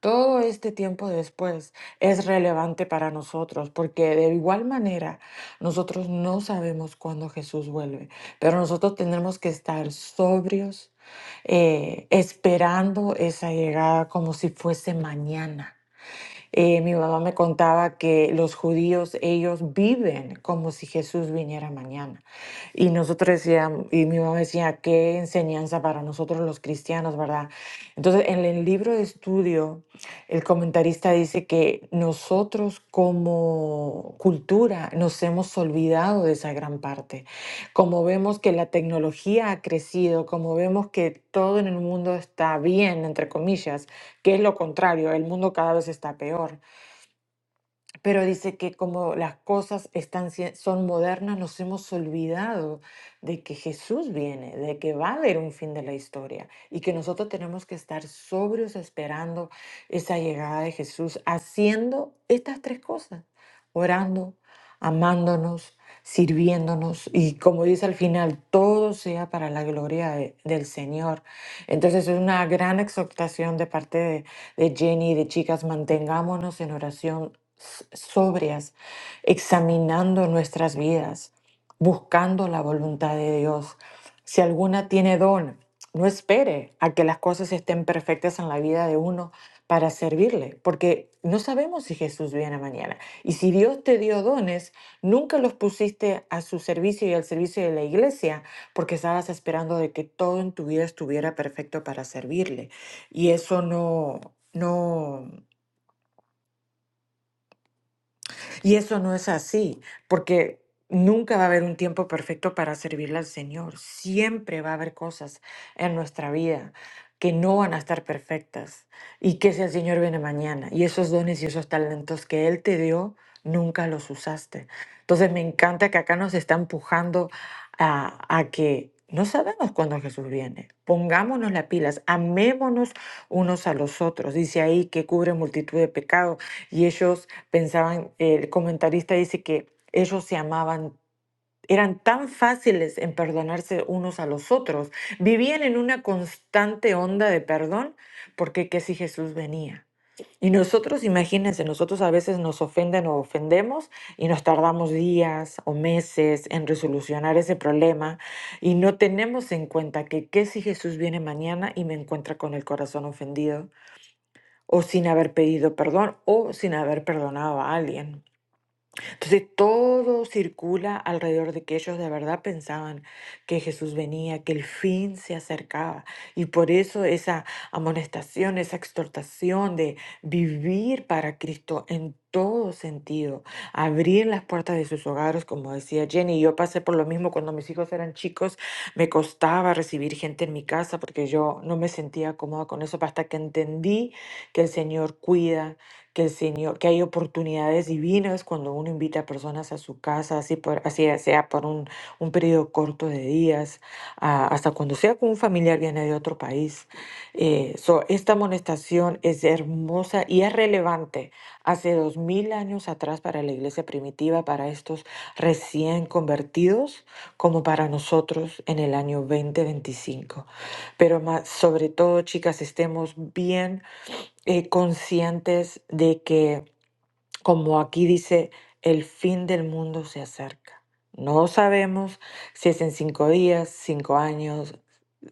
Speaker 1: todo este tiempo después es relevante para nosotros porque de igual manera nosotros no sabemos cuándo Jesús vuelve, pero nosotros tenemos que estar sobrios, eh, esperando esa llegada como si fuese mañana. Eh, mi mamá me contaba que los judíos, ellos viven como si Jesús viniera mañana. Y nosotros decíamos, y mi mamá decía, qué enseñanza para nosotros los cristianos, ¿verdad? Entonces, en el libro de estudio, el comentarista dice que nosotros como cultura nos hemos olvidado de esa gran parte. Como vemos que la tecnología ha crecido, como vemos que todo en el mundo está bien, entre comillas, que es lo contrario, el mundo cada vez está peor. Pero dice que como las cosas están, sie- son modernas, nos hemos olvidado de que Jesús viene, de que va a haber un fin de la historia y que nosotros tenemos que estar sobrios esperando esa llegada de Jesús, haciendo estas tres cosas, orando, amándonos, sirviéndonos y como dice al final, todo sea para la gloria de- del Señor. Entonces es una gran exhortación de parte de, de Jenny, de chicas, mantengámonos en oración s- sobrias, examinando nuestras vidas, buscando la voluntad de Dios. Si alguna tiene don, no espere a que las cosas estén perfectas en la vida de uno para servirle, porque no sabemos si Jesús viene mañana. Y si Dios te dio dones, nunca los pusiste a su servicio y al servicio de la iglesia, porque estabas esperando de que todo en tu vida estuviera perfecto para servirle y eso no, no, Y eso no es así, porque nunca va a haber un tiempo perfecto para servirle al Señor. Siempre va a haber cosas en nuestra vida que no van a estar perfectas y que si el Señor viene mañana y esos dones y esos talentos que Él te dio, nunca los usaste. Entonces me encanta que acá nos está empujando a, a que no sabemos cuándo Jesús viene. Pongámonos las pilas, amémonos unos a los otros. Dice ahí que cubre multitud de pecados y ellos Pensaban, eh, el comentarista dice que ellos se amaban, eran tan fáciles en perdonarse unos a los otros, vivían en una constante onda de perdón, porque que si Jesús venía. Y nosotros, imagínense, nosotros a veces nos ofenden o ofendemos y nos tardamos días o meses en resolucionar ese problema y no tenemos en cuenta que qué si Jesús viene mañana y me encuentra con el corazón ofendido o sin haber pedido perdón o sin haber perdonado a alguien. Entonces todo circula alrededor de que ellos de verdad pensaban que Jesús venía, que el fin se acercaba. Y por eso esa amonestación, esa exhortación de vivir para Cristo en todo sentido, abrir las puertas de sus hogares, como decía Jenny, yo pasé por lo mismo cuando mis hijos eran chicos, me costaba recibir gente en mi casa porque yo no me sentía cómoda con eso, hasta que entendí que el Señor cuida que el Señor, que hay oportunidades divinas cuando uno invita a personas a su casa, así, por, así sea por un, un periodo corto de días, ah, hasta cuando sea con un familiar viene de otro país. Eh, so, esta amonestación es hermosa y es relevante hace dos mil años atrás para la iglesia primitiva, para estos recién convertidos, como para nosotros en el año dos mil veinticinco Pero más, sobre todo, chicas, estemos bien eh, conscientes de que, como aquí dice, el fin del mundo se acerca. No sabemos si es en cinco días, cinco años,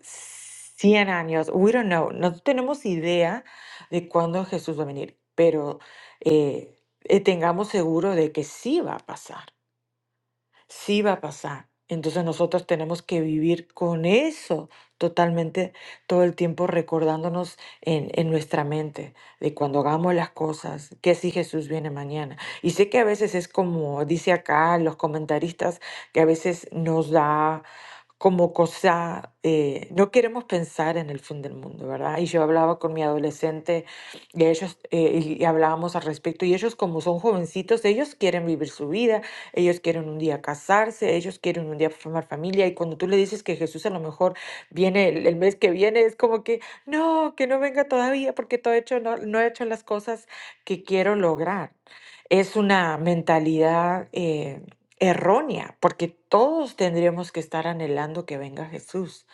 Speaker 1: cien años, we don't know. No tenemos idea de cuándo Jesús va a venir, pero eh, eh, tengamos seguro de que sí va a pasar sí va a pasar. Entonces nosotros tenemos que vivir con eso totalmente todo el tiempo recordándonos en, en nuestra mente de cuando hagamos las cosas, que si Jesús viene mañana. Y sé que a veces es como dice acá los comentaristas, que a veces nos da como cosa, eh, no queremos pensar en el fin del mundo, ¿verdad? Y yo hablaba con mi adolescente y ellos, eh, y y hablábamos al respecto, y ellos como son jovencitos, ellos quieren vivir su vida, ellos quieren un día casarse, ellos quieren un día formar familia, y cuando tú le dices que Jesús a lo mejor viene el, el mes que viene, es como que, no, que no venga todavía porque todo hecho, no, no he hecho las cosas que quiero lograr. Es una mentalidad eh, errónea, porque todos tendríamos que estar anhelando que venga Jesús.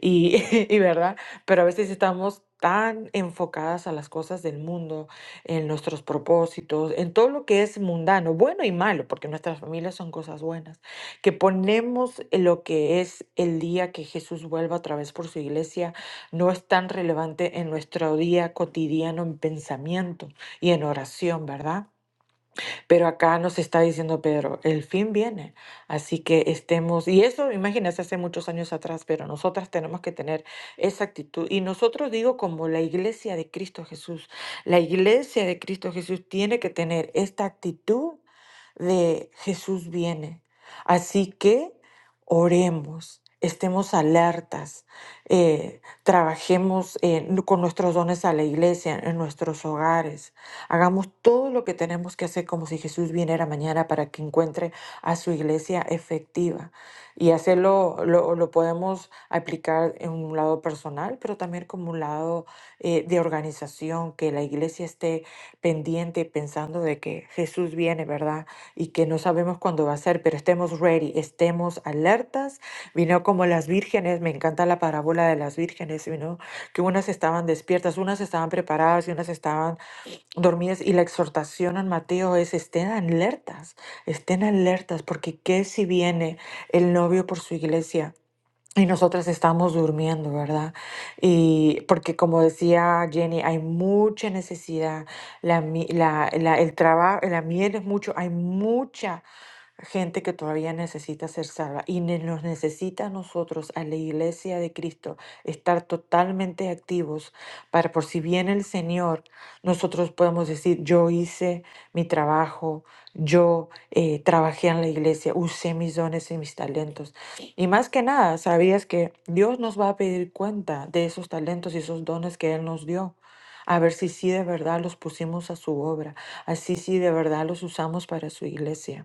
Speaker 1: Y, y verdad, pero a veces estamos tan enfocadas a las cosas del mundo, en nuestros propósitos, en todo lo que es mundano, bueno y malo, porque nuestras familias son cosas buenas, que ponemos lo que es el día que Jesús vuelva otra vez por su iglesia, no es tan relevante en nuestro día cotidiano, en pensamiento y en oración, ¿verdad? Pero acá nos está diciendo Pedro, el fin viene, así que estemos, y eso imagínense hace muchos años atrás, pero nosotras tenemos que tener esa actitud. Y nosotros digo como la iglesia de Cristo Jesús, la iglesia de Cristo Jesús tiene que tener esta actitud de Jesús viene. Así que oremos, estemos alertas, eh, trabajemos eh, con nuestros dones a la iglesia, en nuestros hogares, Hagamos todo lo que tenemos que hacer como si Jesús viniera mañana para que encuentre a su iglesia efectiva. Y hacerlo lo, lo podemos aplicar en un lado personal, pero también como un lado eh, de organización, que la iglesia esté pendiente, pensando de que Jesús viene, ¿verdad? Y que no sabemos cuándo va a ser, pero estemos ready, estemos alertas. Vino como las vírgenes, me encanta la parábola de las vírgenes, vino que unas estaban despiertas, unas estaban preparadas y unas estaban dormidas. Y la exhortación en Mateo es estén alertas, estén alertas, porque qué si viene el novio por su iglesia y nosotras estamos durmiendo, ¿verdad? Y porque como decía Jenny, hay mucha necesidad, la, mi- la, la- el trabajo, la miel es mucho, hay mucha gente que todavía necesita ser salva y ne- nos necesita a nosotros, a la iglesia de Cristo, estar totalmente activos para por si viene el Señor, nosotros podemos decir, yo hice mi trabajo, yo eh, trabajé en la iglesia, usé mis dones y mis talentos. Y más que nada, sabías que Dios nos va a pedir cuenta de esos talentos y esos dones que Él nos dio. A ver si sí de verdad los pusimos a su obra, así sí de verdad los usamos para su iglesia.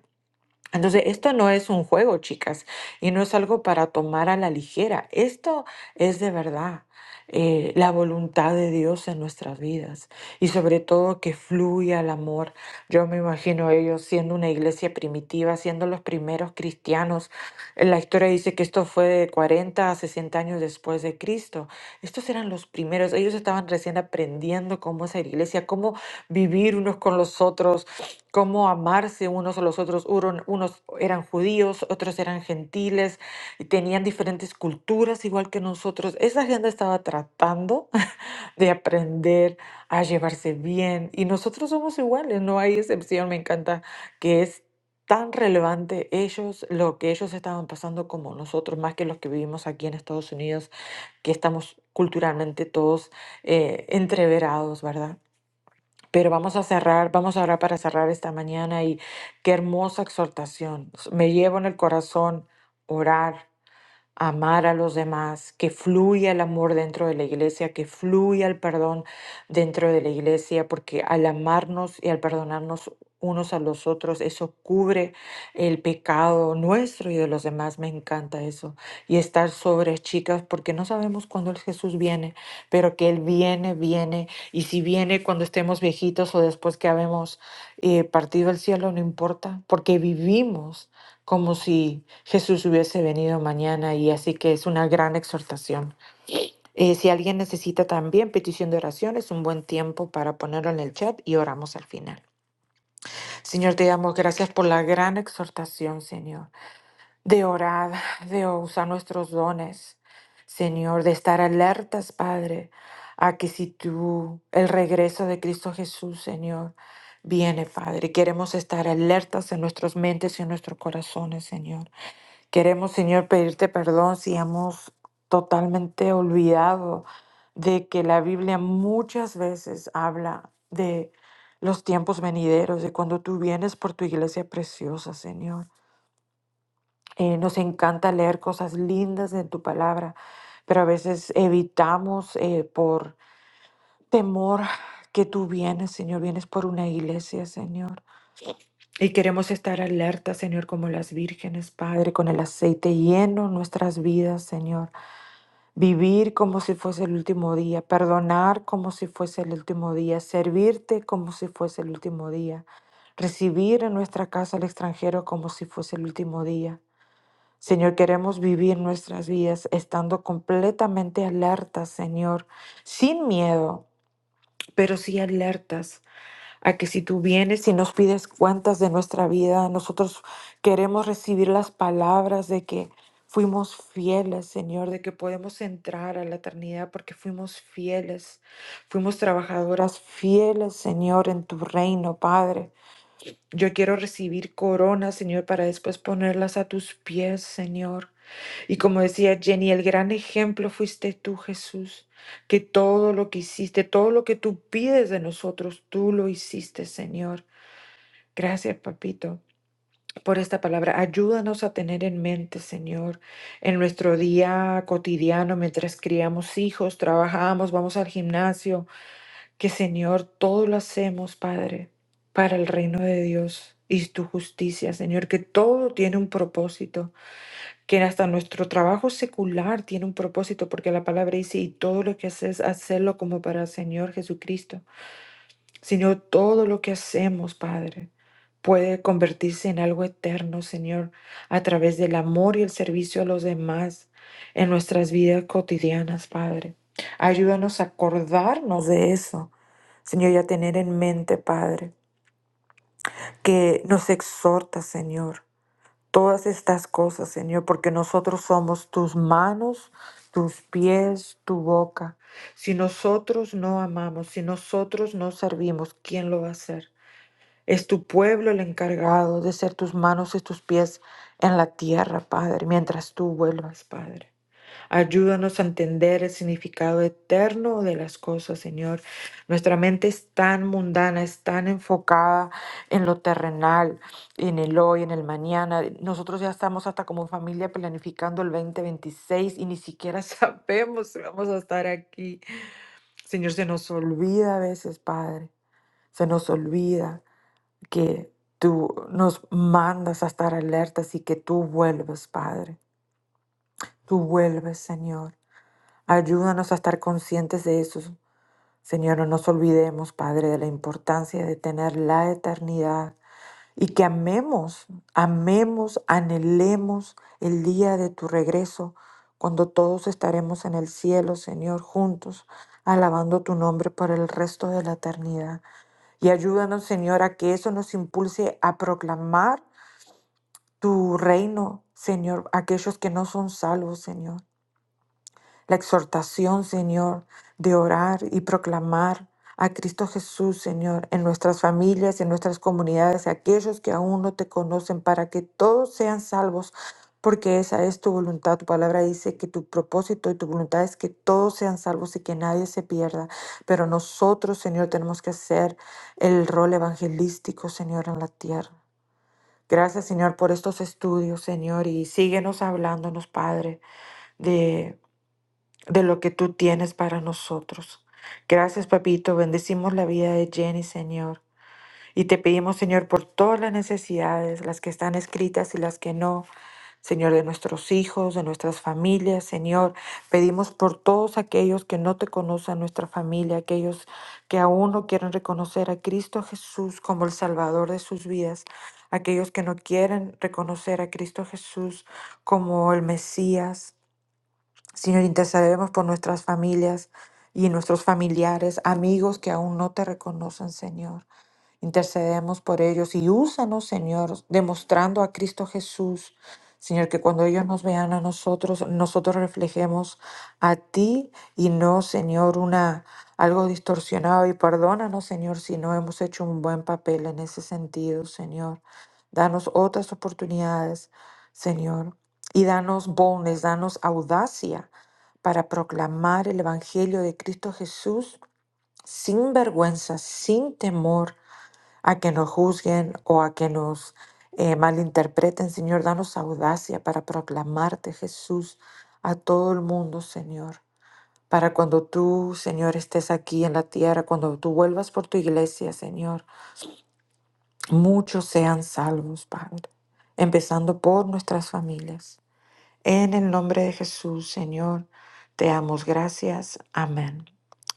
Speaker 1: Entonces, esto no es un juego, chicas, y no es algo para tomar a la ligera. Esto es de verdad eh, la voluntad de Dios en nuestras vidas y sobre todo que fluya el amor. Yo me imagino ellos siendo una iglesia primitiva, siendo los primeros cristianos. Eh, La historia dice que esto fue de 40 a 60 años después de Cristo. Estos eran los primeros. Ellos estaban recién aprendiendo cómo hacer iglesia, cómo vivir unos con los otros cómo amarse unos a los otros. Uron- Unos eran judíos, otros eran gentiles, y tenían diferentes culturas igual que nosotros. Esa gente estaba tratando de aprender a llevarse bien y nosotros somos iguales, no hay excepción. Me encanta que es tan relevante ellos, lo que ellos estaban pasando como nosotros, más que los que vivimos aquí en Estados Unidos, que estamos culturalmente todos eh, entreverados, ¿verdad? Pero vamos a cerrar, vamos a orar para cerrar esta mañana y qué hermosa exhortación. Me llevo en el corazón orar amar a los demás, que fluya el amor dentro de la iglesia, que fluya el perdón dentro de la iglesia, porque al amarnos y al perdonarnos unos a los otros, eso cubre el pecado nuestro y de los demás. Me encanta eso. Y estar sobre chicas, porque no sabemos cuándo el Jesús viene, pero que Él viene, viene. Y si viene cuando estemos viejitos o después que habemos eh, partido al cielo, no importa, porque vivimos como si Jesús hubiese venido mañana y así que es una gran exhortación. Eh, si alguien necesita también petición de oración, es un buen tiempo para ponerlo en el chat y oramos al final. Señor, te damos gracias por la gran exhortación, Señor, de orar, de usar nuestros dones, Señor, de estar alertas, Padre, a que si tú, el regreso de Cristo Jesús, Señor, viene, Padre, queremos estar alertas en nuestras mentes y en nuestros corazones, Señor. Queremos, Señor, pedirte perdón si hemos totalmente olvidado de que la Biblia muchas veces habla de los tiempos venideros, de cuando tú vienes por tu iglesia preciosa, Señor. Eh, nos encanta leer cosas lindas en tu palabra, pero a veces evitamos eh, por temor que tú vienes, Señor, vienes por una iglesia, Señor. Y queremos estar alerta, Señor, como las vírgenes, Padre, con el aceite lleno en nuestras vidas, Señor Vivir como si fuese el último día, perdonar como si fuese el último día, servirte como si fuese el último día, recibir en nuestra casa al extranjero como si fuese el último día. Señor, queremos vivir nuestras vidas estando completamente alertas, Señor, sin miedo, pero sí alertas a que si tú vienes y nos pides cuentas de nuestra vida, nosotros queremos recibir las palabras de que fuimos fieles, Señor, de que podemos entrar a la eternidad porque fuimos fieles, fuimos trabajadoras fieles, Señor, en tu reino, Padre. Yo quiero recibir coronas, Señor, para después ponerlas a tus pies, Señor. Y como decía Jenny, el gran ejemplo fuiste tú, Jesús, que todo lo que hiciste, todo lo que tú pides de nosotros, tú lo hiciste, Señor. Gracias, papito, por esta palabra. Ayúdanos a tener en mente, Señor, en nuestro día cotidiano, mientras criamos hijos, trabajamos, vamos al gimnasio, que, Señor, todo lo hacemos, Padre, para el reino de Dios y tu justicia, Señor, que todo tiene un propósito que hasta nuestro trabajo secular tiene un propósito, porque la palabra dice, y todo lo que haces, hacerlo como para el Señor Jesucristo, sino todo lo que hacemos, Padre, puede convertirse en algo eterno, Señor, a través del amor y el servicio a los demás en nuestras vidas cotidianas, Padre. Ayúdanos a acordarnos de eso, Señor, y a tener en mente, Padre, que nos exhorta, Señor todas estas cosas, Señor, porque nosotros somos tus manos, tus pies, tu boca. Si nosotros no amamos, si nosotros no servimos, ¿quién lo va a hacer? Es tu pueblo el encargado de ser tus manos y tus pies en la tierra, Padre, mientras tú vuelvas, Padre. Ayúdanos a entender el significado eterno de las cosas, Señor. Nuestra mente es tan mundana, es tan enfocada en lo terrenal, en el hoy, en el mañana. Nosotros ya estamos hasta como familia planificando el 2026 y ni siquiera sabemos si vamos a estar aquí. Señor, se nos olvida a veces, Padre. Se nos olvida que tú nos mandas a estar alertas y que tú vuelves, Padre. Tú vuelves, Señor. Ayúdanos a estar conscientes de eso. Señor, no nos olvidemos, Padre, de la importancia de tener la eternidad y que amemos, amemos, anhelemos el día de tu regreso, cuando todos estaremos en el cielo, Señor, juntos, alabando tu nombre por el resto de la eternidad. Y ayúdanos, Señor, a que eso nos impulse a proclamar tu reino, Señor, a aquellos que no son salvos, Señor. La exhortación, Señor, de orar y proclamar a Cristo Jesús, Señor, en nuestras familias, en nuestras comunidades, a aquellos que aún no te conocen, para que todos sean salvos, porque esa es tu voluntad. Tu palabra dice que tu propósito y tu voluntad es que todos sean salvos y que nadie se pierda. Pero nosotros, Señor, tenemos que hacer el rol evangelístico, Señor, en la tierra. Gracias, Señor, por estos estudios, Señor, y síguenos hablándonos, Padre, de de lo que tú tienes para nosotros. Gracias, papito. Bendecimos la vida de Jenny, Señor. Y te pedimos, Señor, por todas las necesidades, las que están escritas y las que no, Señor, de nuestros hijos, de nuestras familias, Señor. Pedimos por todos aquellos que no te conocen, nuestra familia, aquellos que aún no quieren reconocer a Cristo Jesús como el Salvador de sus vidas, aquellos que no quieren reconocer a Cristo Jesús como el Mesías, Señor, intercederemos por nuestras familias y nuestros familiares, amigos que aún no te reconocen, Señor. Intercedemos por ellos y úsanos, Señor, demostrando a Cristo Jesús. Señor, que cuando ellos nos vean a nosotros, nosotros reflejemos a ti y no, Señor, una algo distorsionado. Y perdónanos, Señor, si no hemos hecho un buen papel en ese sentido, Señor. Danos otras oportunidades, Señor, y danos bones, danos audacia para proclamar el Evangelio de Cristo Jesús sin vergüenza, sin temor a que nos juzguen o a que nos eh, malinterpreten, Señor. Danos audacia para proclamarte, Jesús, a todo el mundo, Señor. Para cuando tú, Señor, estés aquí en la tierra, cuando tú vuelvas por tu iglesia, Señor, muchos sean salvos, Padre, empezando por nuestras familias. En el nombre de Jesús, Señor, te damos gracias. Amén.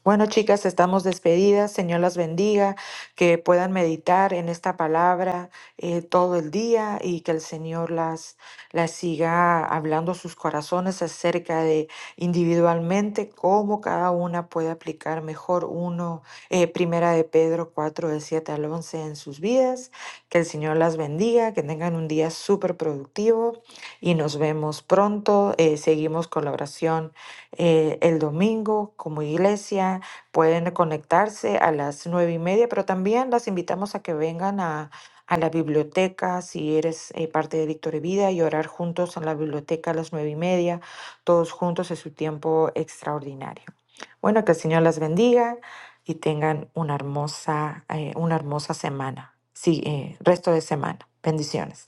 Speaker 1: Bueno, chicas, estamos despedidas. Señor las bendiga, que puedan meditar en esta palabra eh, todo el día y que el Señor las, las siga hablando a sus corazones acerca de individualmente cómo cada una puede aplicar mejor uno, eh, primera de Pedro 4 del 7 al 11 en sus vidas. Que el Señor las bendiga, que tengan un día súper productivo y nos vemos pronto. Eh, seguimos con la oración eh, el domingo como iglesia. Pueden conectarse a las nueve y media, pero también las invitamos a que vengan a, a la biblioteca si eres eh, parte de Victoria y Vida y orar juntos en la biblioteca a las nueve y media, todos juntos es su tiempo extraordinario. Bueno, que el Señor las bendiga y tengan una hermosa, eh, una hermosa semana, sí, eh, resto de semana. Bendiciones.